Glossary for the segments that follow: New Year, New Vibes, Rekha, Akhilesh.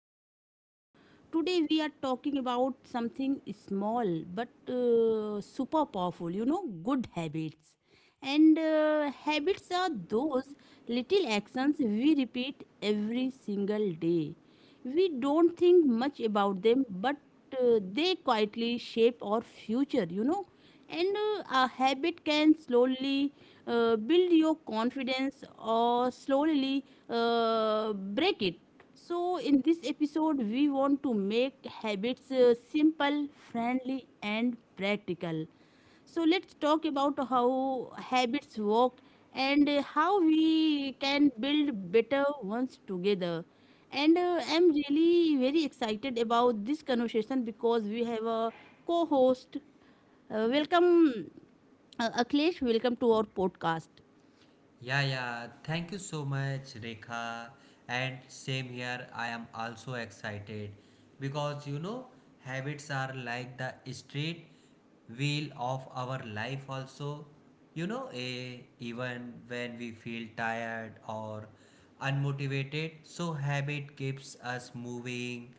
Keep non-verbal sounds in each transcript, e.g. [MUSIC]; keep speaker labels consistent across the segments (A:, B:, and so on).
A: to our show. Today we are talking about something small but super powerful, you know, good habits. And Habits are those little actions we repeat every single day. We don't think much about them, but they quietly shape our future, you know. And A habit can slowly build your confidence or slowly break it, so in this episode, we want to make habits simple, friendly, and practical. So let's talk about how habits work and how we can build better ones together. And I'm really very excited about this conversation because we have a co host. Welcome, Akhilesh. Welcome to our podcast.
B: Yeah. Thank you so much, Rekha. And same here, I am also excited because habits are like the street wheel of our life, also. You know, even when we feel tired or unmotivated, so habit keeps us moving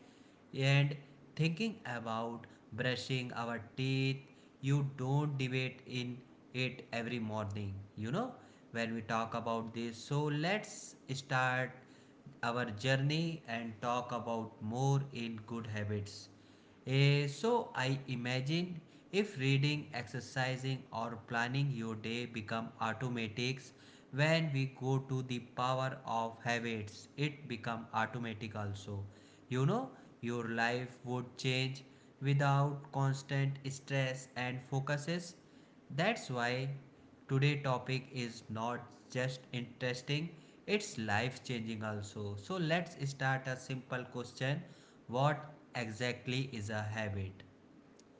B: and thinking about brushing our teeth, you don't debate in it every morning, when we talk about this. So let's start our journey and talk about more in good habits. So I imagine if reading, exercising, or planning your day become automatics, when we go to the power of habits, it become automatic also. You know, your life would change without constant stress and focuses. That's why today topic is not just interesting, it's life changing also. So let's start a simple question. What exactly is a habit?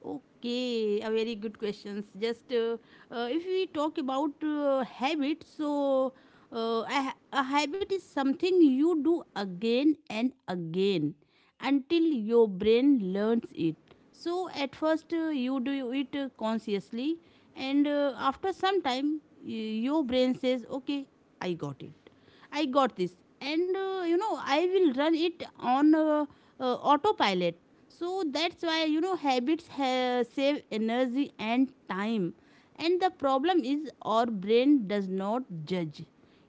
A: Okay, a very good questions. Just If we talk about habits, so a habit is something you do again and again until your brain learns it. So at first you do it consciously, and after some time your brain says, "Okay, I got it, I got this," and you know, I will run it on autopilot. So that's why, you know, habits save energy and time, and the problem is our brain does not judge.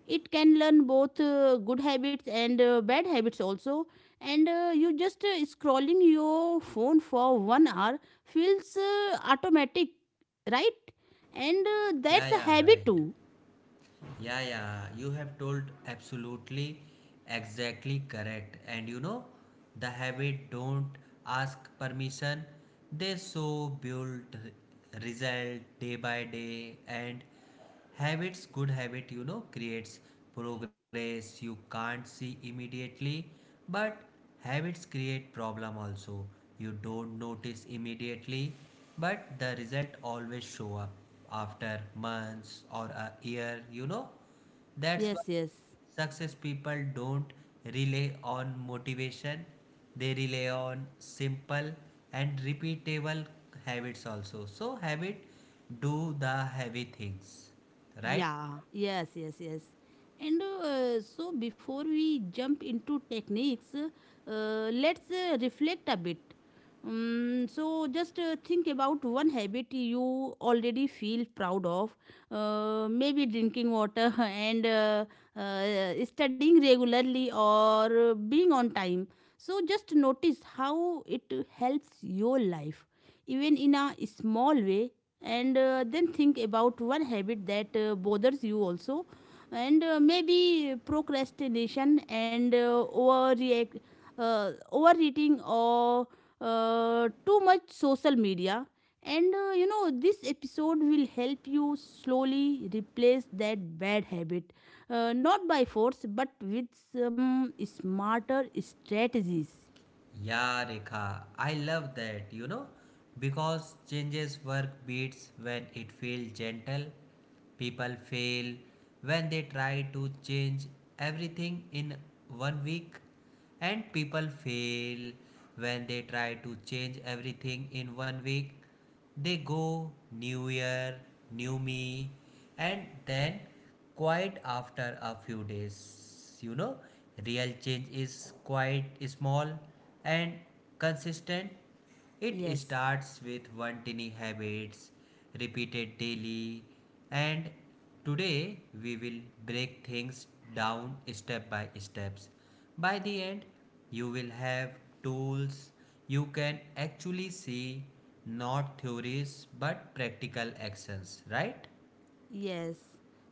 A: It can learn both good habits and bad habits also. And you just scrolling your phone for 1 hour… wait hour feels automatic, right? And
B: Yeah,
A: that's a
B: yeah,
A: habit
B: right.
A: too.
B: Yeah, You have told absolutely exactly correct. And you know, the habit don't ask permission. They so build result day by day, and habits good habit you know creates progress you can't see immediately, but habits create problem also, you don't notice immediately, but the result always show up after months or a year. You know, that's why
A: Yes, yes.
B: success people don't rely on motivation, they rely on simple and repeatable habits also. So, habit do the heavy things, right?
A: Yeah, yes, yes, yes. And so before we jump into techniques, let's reflect a bit. So just think about one habit you already feel proud of, maybe drinking water [LAUGHS] and studying regularly or being on time. So just notice how it helps your life, even in a small way, and then think about one habit that bothers you also. And Maybe procrastination and overreact overeating or too much social media. And You know, this episode will help you slowly replace that bad habit, not by force but with some smarter strategies.
B: Yeah, Rekha, I love that, you know, because changes work beats when it feels gentle. People fail when they try to change everything in one week And people fail when they try to change everything in one week. They go new year, new me, and then quite after a few days. You know, real change is quite small and consistent, it
A: Yes.
B: starts with one tiny habits repeated daily. And today we will break things down step by steps. By the end you will have tools you can actually see, not theories but practical actions, right?
A: Yes.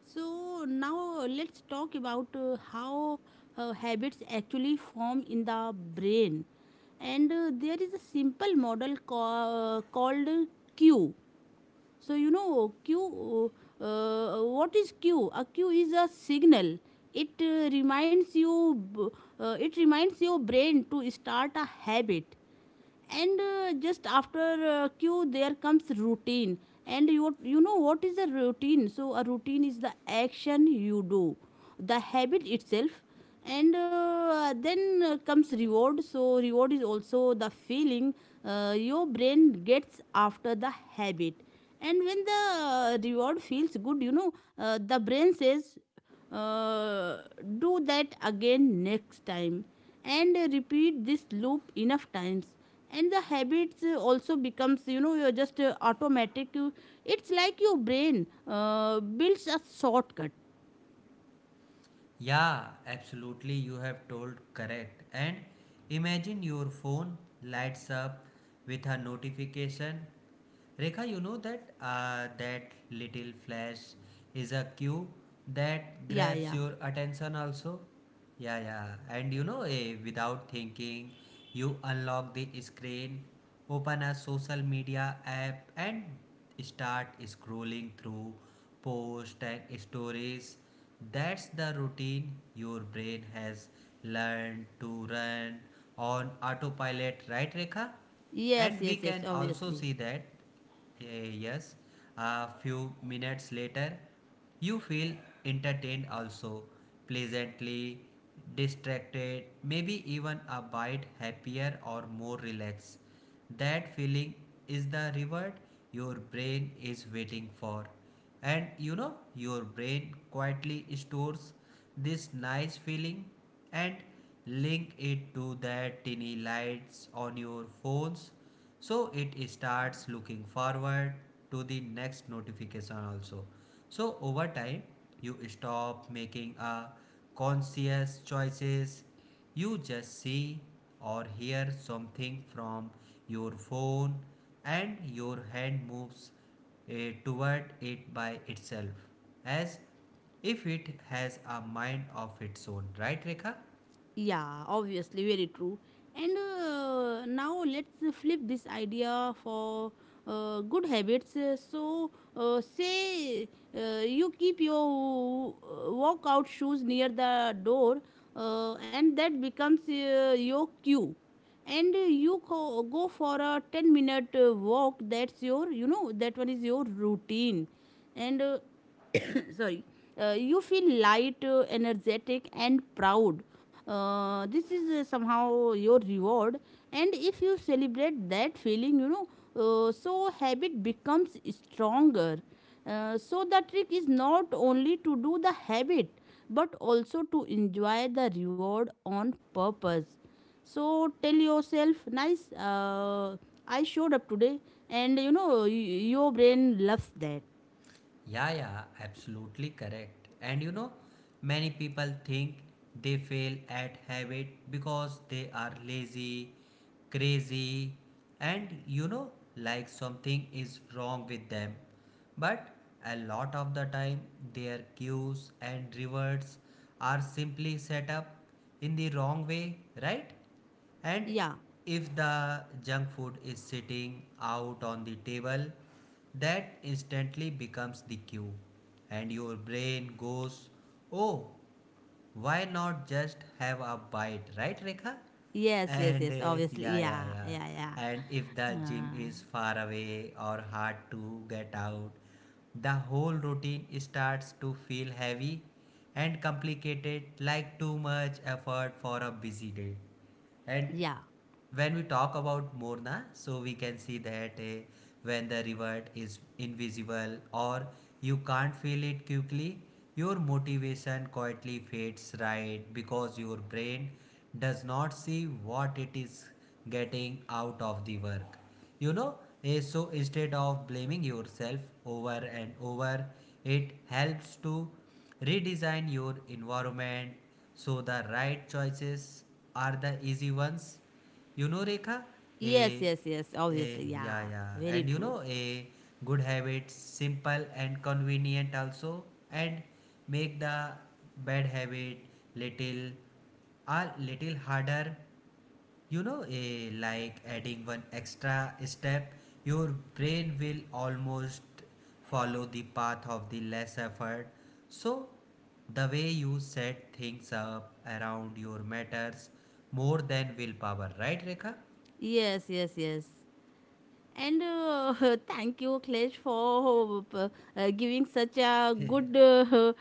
A: So now let's talk about how habits actually form in the brain. And There is a simple model called Q. So you know Q. What is Q? A Q is a signal. It uh, reminds you. b- it reminds your brain to start a habit, and just after q there comes routine. And you know what is a routine. So a routine is the action you do, the habit itself. And then comes reward. So reward is also the feeling your brain gets after the habit. And when the reward feels good, you know, the brain says, uh, do that again next time. And repeat this loop enough times, and the habits also becomes, you know, you're just automatic. It's like your brain builds a shortcut.
B: Yeah, absolutely, you have told correct. And imagine your phone lights up with a notification. Rekha, you know that that little flash is a cue that
A: yeah
B: grabs
A: yeah
B: your attention also. Yeah. And you know, without thinking, you unlock the screen, open a social media app, and start scrolling through posts and stories. That's the routine your brain has learned to run on autopilot, right, Rekha?
A: yes
B: And we
A: yes yes
B: can also
A: obviously.
B: see that Eh, yes, a few minutes later, you feel entertained also, pleasantly distracted, maybe even a bit happier or more relaxed. That feeling is the reward your brain is waiting for. And you know, your brain quietly stores this nice feeling and link it to that tiny lights on your phones, so it starts looking forward to the next notification also. So over time you stop making a conscious choices, you just see or hear something from your phone and your hand moves toward it by itself, as if it has a mind of its own, right, rekha?
A: Yeah, obviously, very true. And now let's flip this idea for good habits. So, say you keep your walkout shoes near the door, and that becomes your cue. And you go for a 10 minute walk. That's your, you know, that one is your routine. And sorry You feel light, energetic and proud. This is somehow your reward. And if you celebrate that feeling, you know, so habit becomes stronger. So the trick is not only to do the habit but also to enjoy the reward on purpose. So tell yourself nice, I showed up today, and you know, your brain loves that.
B: Yeah, yeah, absolutely correct. And you know, many people think they fail at habit because they are lazy, crazy, and you know, like something is wrong with them. But a lot of the time, their cues and rewards are simply set up in the wrong way, right? And
A: Yeah.
B: if the junk food is sitting out on the table, that instantly becomes the cue. And your brain goes, oh, why not just have a bite, right, Rekha?
A: Yes, yes,
B: And
A: yes, obviously.
B: yeah, yeah,
A: Yeah,
B: yeah.
A: yeah, yeah.
B: And if the gym
A: Uh,
B: is far away or hard to get out, the whole routine starts to feel heavy and complicated, like too much effort for a busy day. And
A: yeah.
B: when we talk about Morna, so we can see that when the reward is invisible or you can't feel it quickly, your motivation quietly fades, right, because your brain does not see what it is getting out of the work. You know, so instead of blaming yourself over and over, it helps to redesign your environment so the right choices are the easy ones, you know, Rekha.
A: Yes,
B: a,
A: yes, yes, obviously. Yeah, very
B: and you
A: true.
B: know, a good habits, simple and convenient also, and make the bad habit little, a little harder. You know, a like adding one extra step, your brain will almost follow the path of the less effort. So, the way you set things up around your matters more than willpower, right, Rekha?
A: Yes, yes, yes. And [LAUGHS] thank you, Klesh, for giving such a good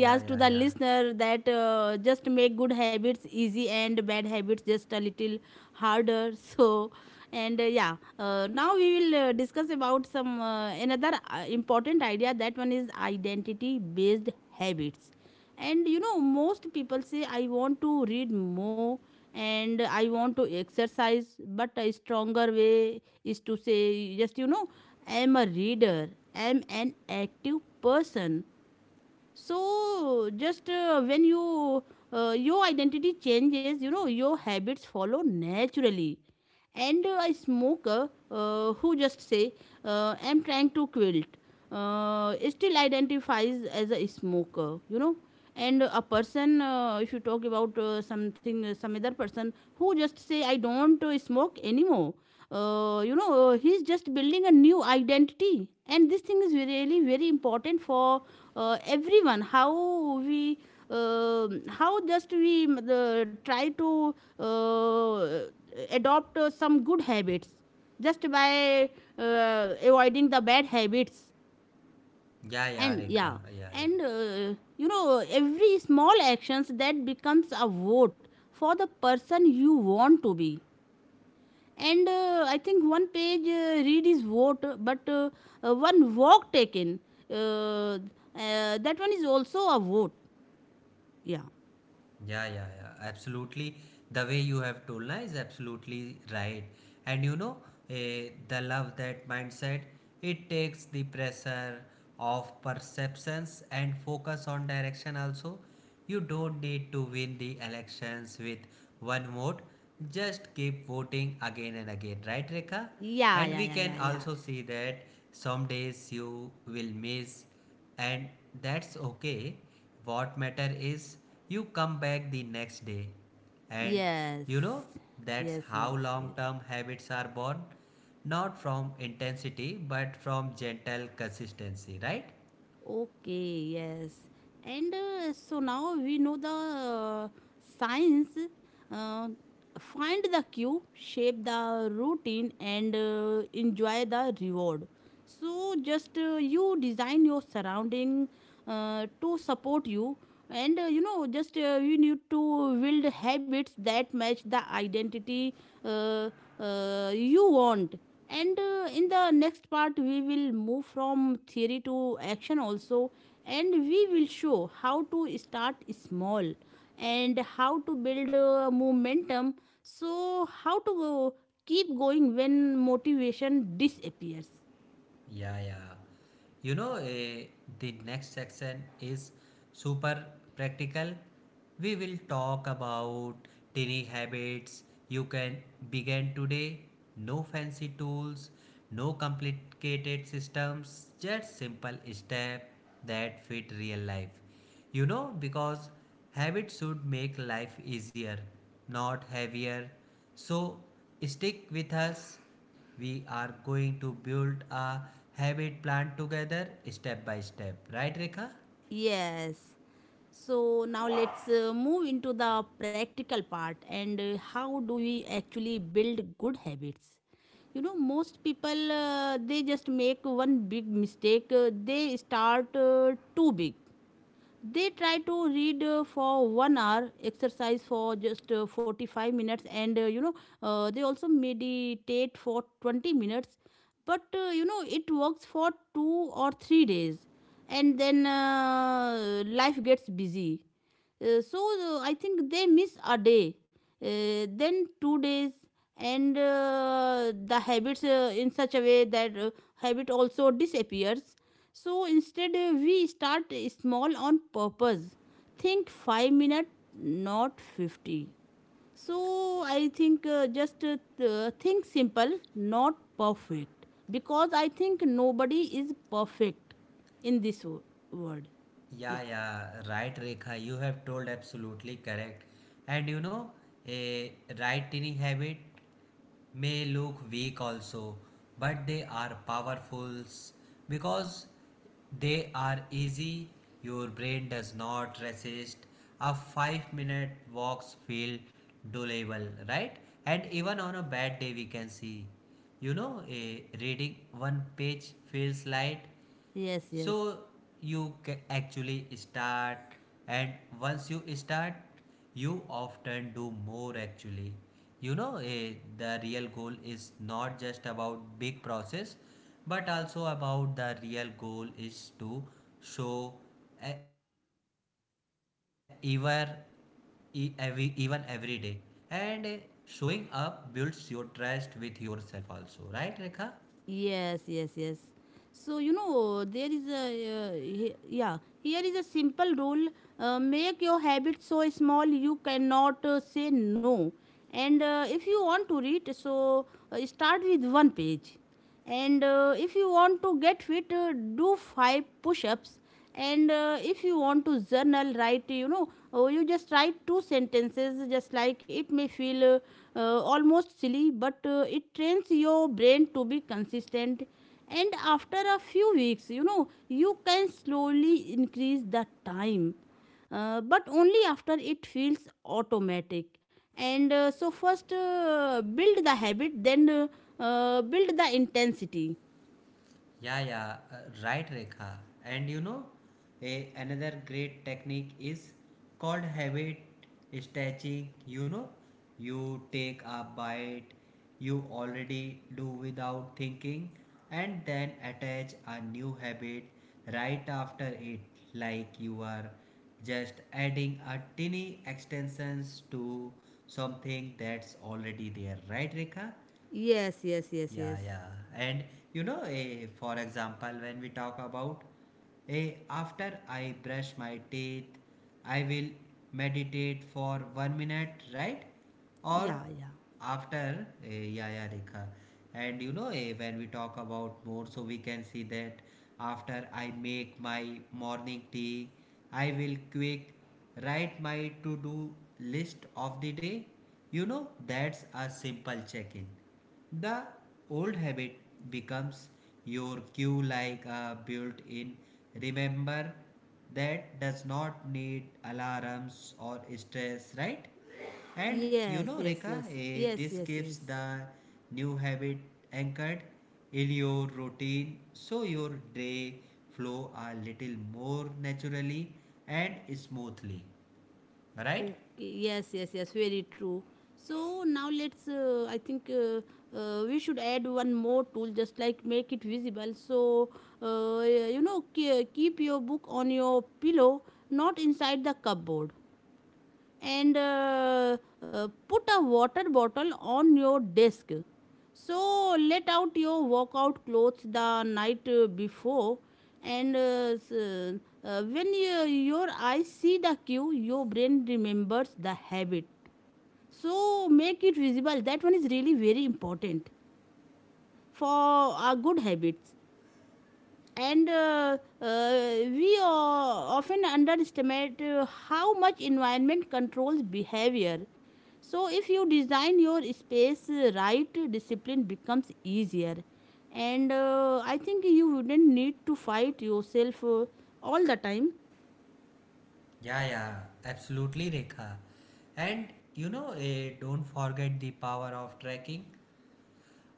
B: Yeah,
A: to
B: yeah,
A: the
B: yeah.
A: listener, that just make good habits easy and bad habits just a little harder. [LAUGHS] So, and yeah, now we will discuss about some another important idea. That one is identity-based habits. And you know, most people say, "I want to read more," and, "I want to exercise," but a stronger way is to say, just you know, I'm a reader, I'm an active person. So just when you your identity changes, you know, your habits follow naturally. And a smoker who just say, I'm trying to quit, still identifies as a smoker, you know. And a person, if you talk about something, some other person who just say, I don't smoke anymore, you know, he's just building a new identity. And this thing is really very important for everyone, how we how just we try to adopt some good habits just by avoiding the bad habits.
B: Yeah, yeah,
A: and yeah
B: Rekha. Yeah, yeah.
A: and uh, you know, every small actions that becomes a vote for the person you want to be. And I think one page read is vote, but one walk taken, uh, that one is also a vote. yeah
B: Yeah, yeah, yeah. Absolutely. The way you have told na is absolutely right. And you know, the love that mindset, it takes the pressure of perceptions and focus on direction also. You don't need to win the elections with one vote. Just keep voting again and again, right, Rekha?
A: yeah
B: And
A: yeah
B: we
A: yeah
B: can
A: yeah yeah
B: also see that some days you will miss. And that's okay. What matter is you come back the next day. And
A: yes
B: you know, that's
A: yes
B: how
A: yes
B: long
A: yes.
B: term habits are born. Not from intensity, but from gentle consistency, right?
A: Okay, yes. And so now we know the science. Uh, Find the cue, shape the routine, and enjoy the reward. So just you design your surrounding to support you, and you know just you need to build habits that match the identity uh, you want. And in the next part, we will move from theory to action also, and we will show how to start small and how to build momentum. So how to go, keep going when motivation disappears.
B: Yeah, yeah. You know, the next section is super practical. We will talk about tiny habits you can begin today. No fancy tools, no complicated systems, just simple steps that fit real life. You know, because habits should make life easier, not heavier. So stick with us. We are going to build a habit plan together step by step. Right, Rekha?
A: Yes. So now let's move into the practical part. And how do we actually build good habits? You know, most people they just make one big mistake. They start too big. They try to read for 1 hour, exercise for just 45 minutes, and you know, they also meditate for 20 minutes. But you know, it works for 2 or 3 days, and then life gets busy. I think they miss a day, then 2 days, and the habits in such a way that habit also disappears. So instead, we start small on purpose. Think 5 minutes, not 50. So I think think simple, not perfect. Because I think nobody is perfect in this world. Yeah.
B: Yeah, yeah, right, Rekha. You have told absolutely correct. And you know, a right eating habit may look weak also, but they are powerful because they are easy. Your brain does not resist. A 5 minute walks feel doable, right? And even on a bad day, we can see. You know, a reading one page feels light,
A: Yes,
B: so
A: yes.
B: you actually start, and once you start, you often do more actually. You know, the real goal is not just about big process, but also about the real goal is to show eh, ever every, even every day. And Showing up builds your trust with yourself also, right, rekha?
A: Yes, yes, yes. So, you know, there is a, yeah, here is a simple rule, make your habit so small you cannot say no. And if you want to read, so start with one page. And if you want to get fit, do five push ups. And if you want to journal, write, you know, oh, you just write two sentences. Just like it may feel almost silly, but it trains your brain to be consistent. And after a few weeks, you know, you can slowly increase the time, but only after it feels automatic. And so, first build the habit, then build the intensity.
B: Yeah, yeah, uh, right, Rekha. And you know, another great technique is called habit stretching. You know, you take a bite you already do without thinking and then attach a new habit right after it, like you are just adding a tiny extensions to something that's already there, right, Rekha?
A: Yes, yes, yes,
B: Yeah,
A: yes.
B: yeah. And you know, for example, when we talk about after I brush my teeth, I will meditate for one minute, right? Or
A: Yeah, yeah.
B: after, eh, yeah, yeah, Rekha. And you know, when we talk about more, so we can see that after I make my morning tea, I will quick write my to do list of the day. You know, that's a simple check in the old habit becomes your cue, like a built in remember that does not need alarms or stress, right? And you
A: Yes,
B: know,
A: yes,
B: Rekha,
A: yes. Yes,
B: this
A: yes, yes.
B: keeps the new habit anchored in your routine so your day flow a little more naturally and smoothly, right?
A: Okay, yes, yes, yes, very true. So now let's, I think we should add one more tool, just like make it visible. So, you know, keep your book on your pillow, not inside the cupboard. And put a water bottle on your desk. So let out your workout clothes the night before, and when your eyes see the cue, your brain remembers the habit. So make it visible. That one is really very important for our good habits. And we often underestimate how much environment controls behavior. So if you design your space right, discipline becomes easier. And I think you wouldn't need to fight yourself all the time.
B: Yeah, yeah, absolutely, Rekha. And you know, don't forget the power of tracking.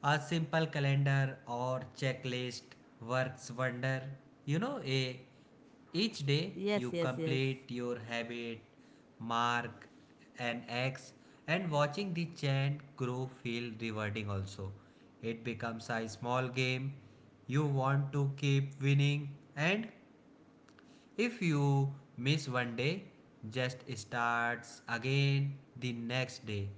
B: A simple calendar or checklist works wonder. You know, each day
A: yes
B: you
A: yes yes
B: complete your habit, mark an X, and watching the chant grow feel rewarding also. It becomes a small game you want to keep winning. And if you miss one day, just starts again the next day.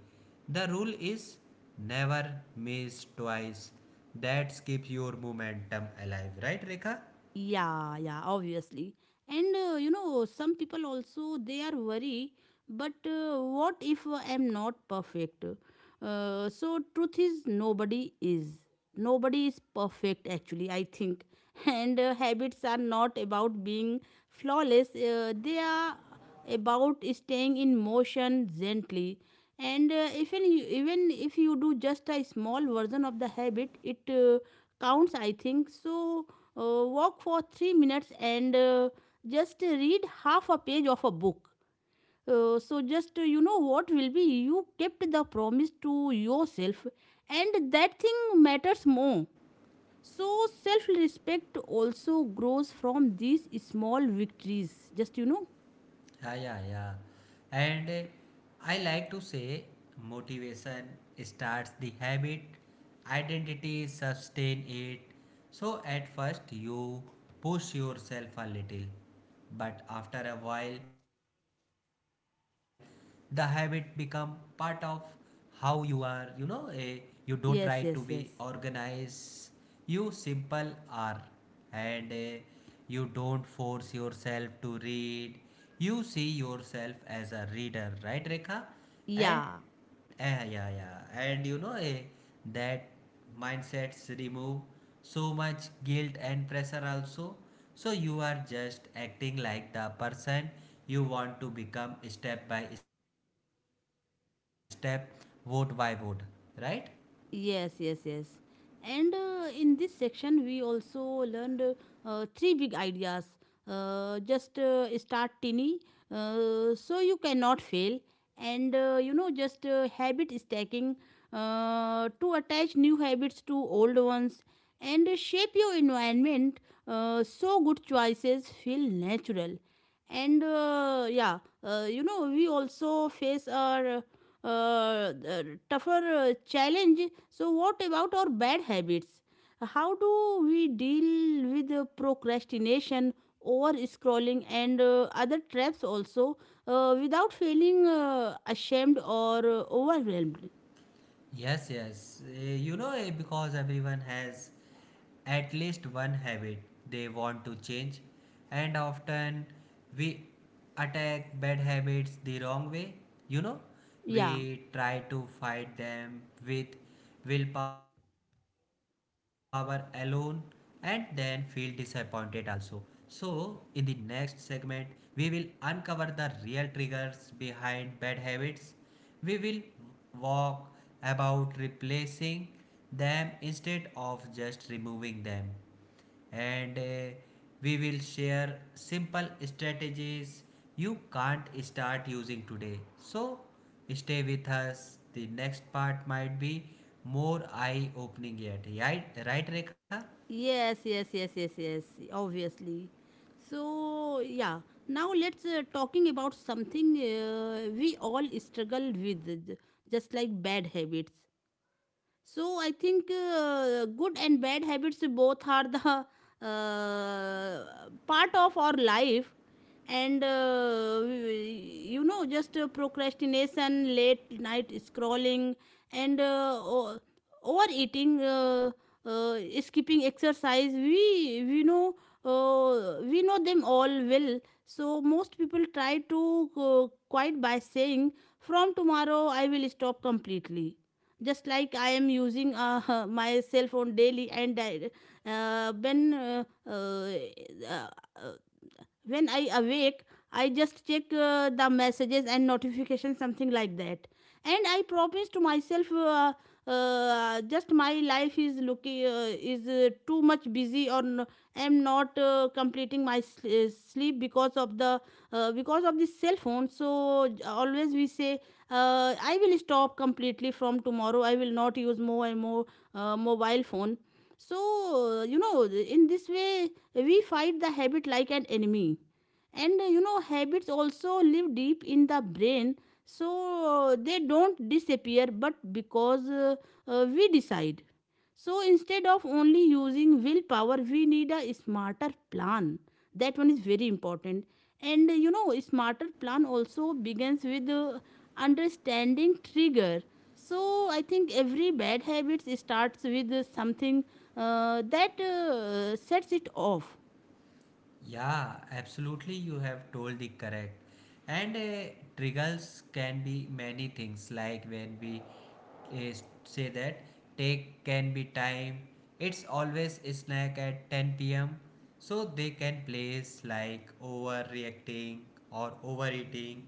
B: The rule is never miss twice. That keeps your momentum alive, right, Rekha?
A: Yeah, yeah, obviously. And you know, some people also they are worry, but what if I am not perfect? So truth is nobody is. Nobody is perfect actually, I think. [LAUGHS] And habits are not about being flawless. They are about staying in motion gently, and even if you do just a small version of the habit, it counts, I think. Walk for 3 minutes, and just read half a page of a book. So just You know, what will be, you kept the promise to yourself, and that thing matters more. So self respect also grows from these small victories, just.
B: Yeah, yeah, yeah. And I like to say motivation starts the habit, identity sustain it. So at first you push yourself a little, but after a while the habit become part of how you are, you don't try to
A: Yes,
B: be
A: yes, yes.
B: organized, you simple are. And you don't force yourself to read. You see yourself as a reader, right, Rekha? And
A: Yeah,
B: eh, yeah, yeah. And you know, that mindsets remove so much guilt and pressure also. So you are just acting like the person you want to become step by step, vote by vote, right?
A: yes, yes, yes. And in this section, we also learned three big ideas. Just start tiny, so you cannot fail. And you know, just habit stacking, to attach new habits to old ones, and shape your environment, so good choices feel natural. And yeah, we also face our uh, uh, tougher challenge. So, what about our bad habits? How do we deal with procrastination, over scrolling, and other traps also, without feeling ashamed or overwhelmed?
B: Yes. You know, because everyone has at least one habit they want to change, and often we attack bad habits the wrong way. You know,
A: Yeah.
B: we try to fight them with willpower alone and then feel disappointed also. So, in the next segment, we will uncover the real triggers behind bad habits, we will walk about replacing them instead of just removing them. And We will share simple strategies you can't start using today. So stay with us. The next part might be more eye opening yet. Right, right, Rekha?
A: Yes, yes, yes, yes, yes, obviously. So, yeah, now let's talking about something we all struggle with, just like bad habits. So I think good and bad habits both are the [LAUGHS] part of our life, and you know just procrastination, late night scrolling, and overeating, skipping exercise. We know them all well. So most people try to quite by saying, "From tomorrow, I will stop completely." Just like I am using [LAUGHS] my cell phone daily, and I, uh, when uh, uh, uh, uh, when I awake, I just check the messages and notifications, something like that. And I promise to myself, just my life is looking, is too much busy, or am not completing my sleep because of the, cell phone. So always we say, I will stop completely. From tomorrow, I will not use more and more mobile phone. So in this way, we fight the habit like an enemy. And habits also live deep in the brain, so they don't disappear, but because we decide. So instead of only using willpower, we need a smarter plan. That one is very important. And smarter plan also begins with understanding trigger. So I think every bad habit starts with something that sets it off.
B: Yeah, absolutely. You have told the correct. And Triggers can be many things, like when we uh, say that take can be time. It's always snack at 10 p.m. So they can place like overreacting or overeating.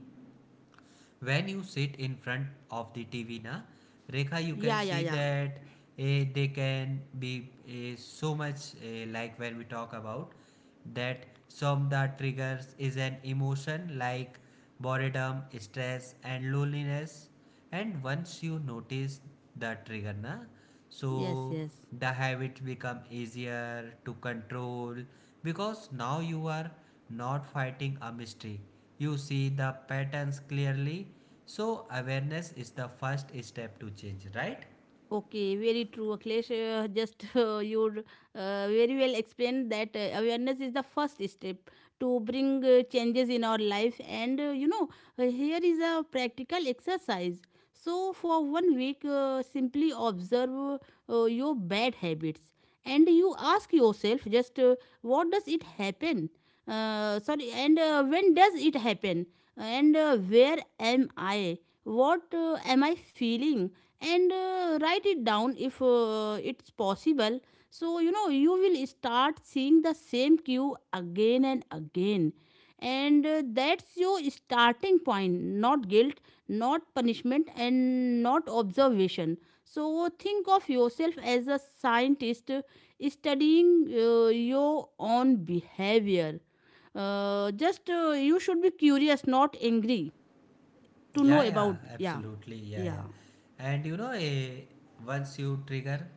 B: When you sit in front of the TV, na, Rekha, you
A: Yeah,
B: can
A: yeah,
B: see
A: yeah.
B: that they can be so much like when we talk about that some that triggers is an emotion like boredom, stress, and loneliness. And once you notice the trigger, na, so
A: Yes, yes.
B: the habit become easier to control because now you are not fighting a mystery. You see the patterns clearly. So awareness is the first step to change, right?
A: Okay, very true, Aklesh. Just [LAUGHS] You very well explained that awareness is the first step to bring changes in our life. And here is a practical exercise. So, for one week, simply observe your bad habits, and you ask yourself, just what does it happen? Sorry, and when does it happen? And where am I? What am I feeling? And write it down if it's possible. So, you will start seeing the same cue again and again, and that's your starting point, not guilt, not punishment, and not observation. So think of yourself as a scientist, studying your own behavior. Just You should be curious, not angry, to know
B: Yeah, yeah,
A: about. Yeah,
B: absolutely. Yeah,
A: yeah.
B: yeah. And you know, once you trigger,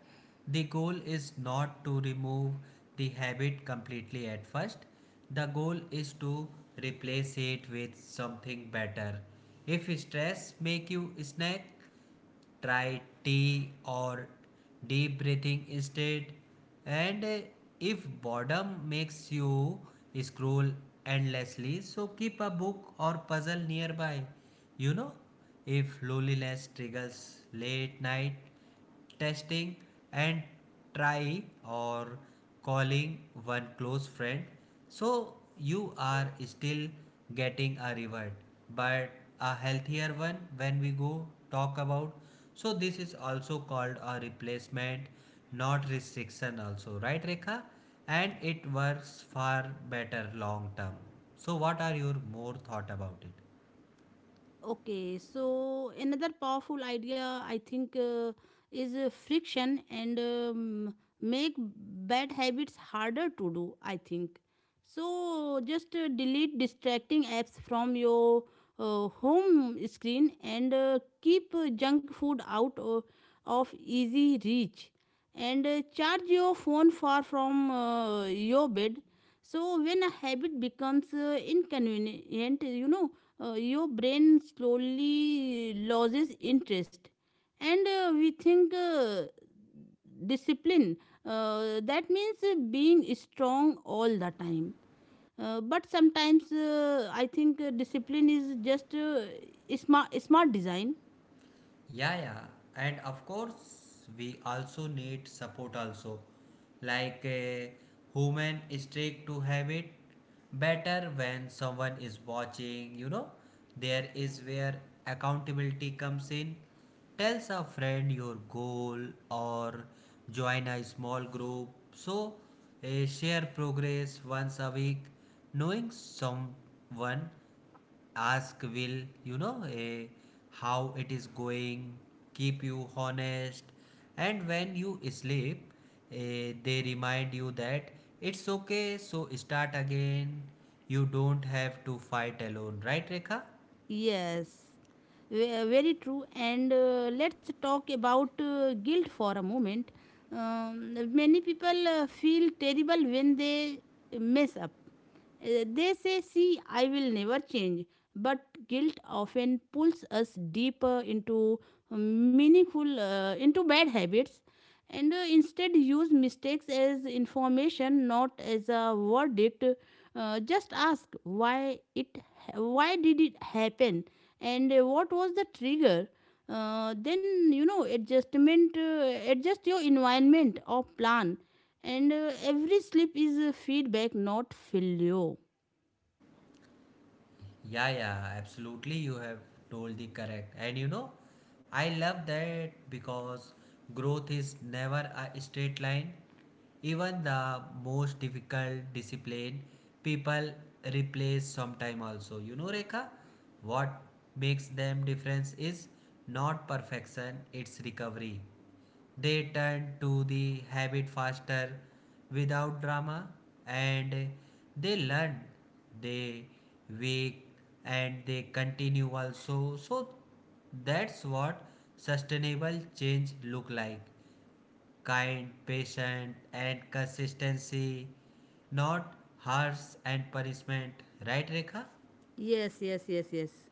B: the goal is not to remove the habit completely at first. The goal is to replace it with something better. If stress make you snack, try tea or deep breathing instead. And If boredom makes you scroll endlessly, so keep a book or puzzle nearby. You know, if loneliness triggers late night testing and try or calling one close friend so you are still getting a reward but a healthier one when we go talk about so this is also called a replacement not restriction also, right, Rekha? And it works far better long term. So what are your more thought about it?
A: Okay, so another powerful idea, I think, is friction, and make bad habits harder to do, I think. So just delete distracting apps from your home screen, and keep junk food out of easy reach, and charge your phone far from your bed. So when a habit becomes inconvenient, your brain slowly loses interest. And we think discipline, that means being strong all the time, but sometimes I think discipline is just smart design.
B: Yeah, yeah, and of course, we also need support also, like a human streak to have it better when someone is watching. You know, there is where accountability comes in. Tells a friend your goal or join a small group. So, share progress once a week. Knowing someone ask will you know how it is going keep you honest, and when you sleep, they remind you that it's okay so start again. You don't have to fight alone, right, Rekha?
A: Yes. Very true. And let's talk about guilt for a moment. Many people feel terrible when they mess up. They say, "See, I will never change." But guilt often pulls us deeper into, meaningful, into bad habits, and instead, use mistakes as information, not as a verdict. Just ask, why did it happen, and what was the trigger. Then, adjustment, adjust your environment or plan, and every slip is a feedback, not failure.
B: Yeah, yeah, absolutely. You have told the correct. And you know, I love that because growth is never a straight line. Even the most difficult discipline, people replace sometime also. You know, Rekha, what makes them difference is not perfection, it's recovery. They turn to the habit faster without drama, and they learn, they wake and they continue also. So that's what sustainable change look like. Kind, patient and consistency, not harsh and punishment. Right, Rekha?
A: Yes, yes, yes, yes.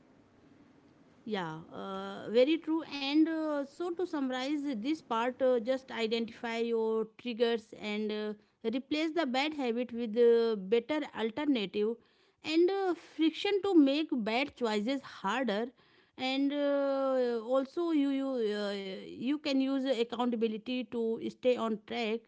A: Yeah, very true. And so, to summarize this part, just identify your triggers, and replace the bad habit with a better alternative, and friction to make bad choices harder. And also, you can use accountability to stay on track.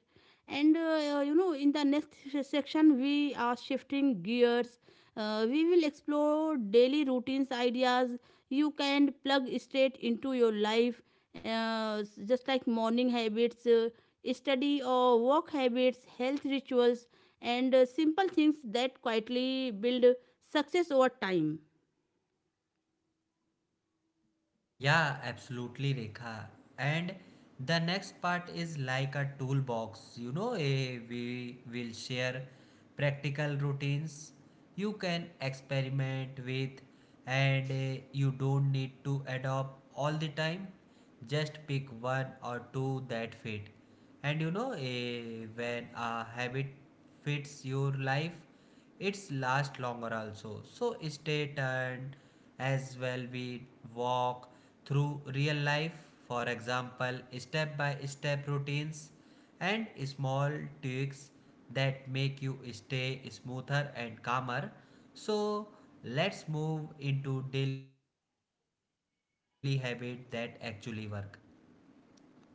A: And in the next section, we are shifting gears. We will explore daily routines ideas you can plug straight into your life, uh, just like morning habits, study or work habits, health rituals, and simple things that quietly build success over time.
B: Yeah, absolutely, Rekha. And the next part is like a toolbox. You know, we will share practical routines you can experiment with, and you don't need to adopt all the time. Just pick one or two that fit. And you know, when a habit fits your life, it's last longer also. So stay tuned as well, we walk through real life, for example, step by step routines and small tweaks that make you stay smoother and calmer. So let's move into daily habit that actually work.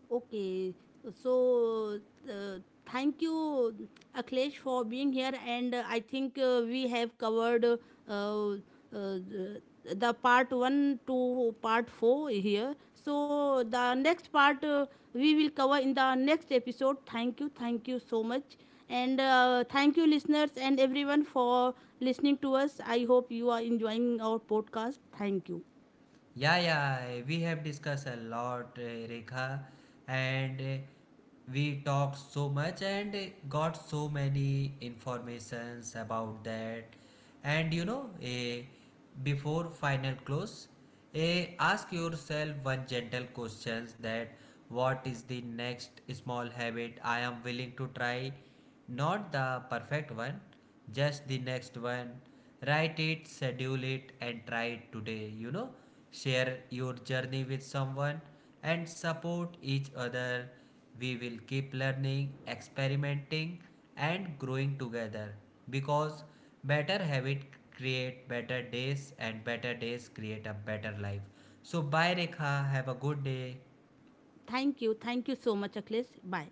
A: Okay, so uh, thank you, Akhilesh, for being here. And I think we have covered uh, the the part one to part four here. So the next part, we will cover in the next episode. Thank you so much, and thank you, listeners and everyone, for listening to us. I hope you are enjoying our podcast. Thank you,
B: Yeah, yeah, we have discussed a lot, Rekha, and we talked so much and got so many informations about that. And you know, before final close, ask yourself one gentle questions that what is the next small habit I am willing to try. Not the perfect one, just the next one. Write it, schedule it and try it today. You know, share your journey with someone and support each other. We will keep learning, experimenting, and growing together, because better habit create better days and better days create a better life. So bye Rekha, have a good day.
A: thank you, thank you so much, Akhilesh. Bye.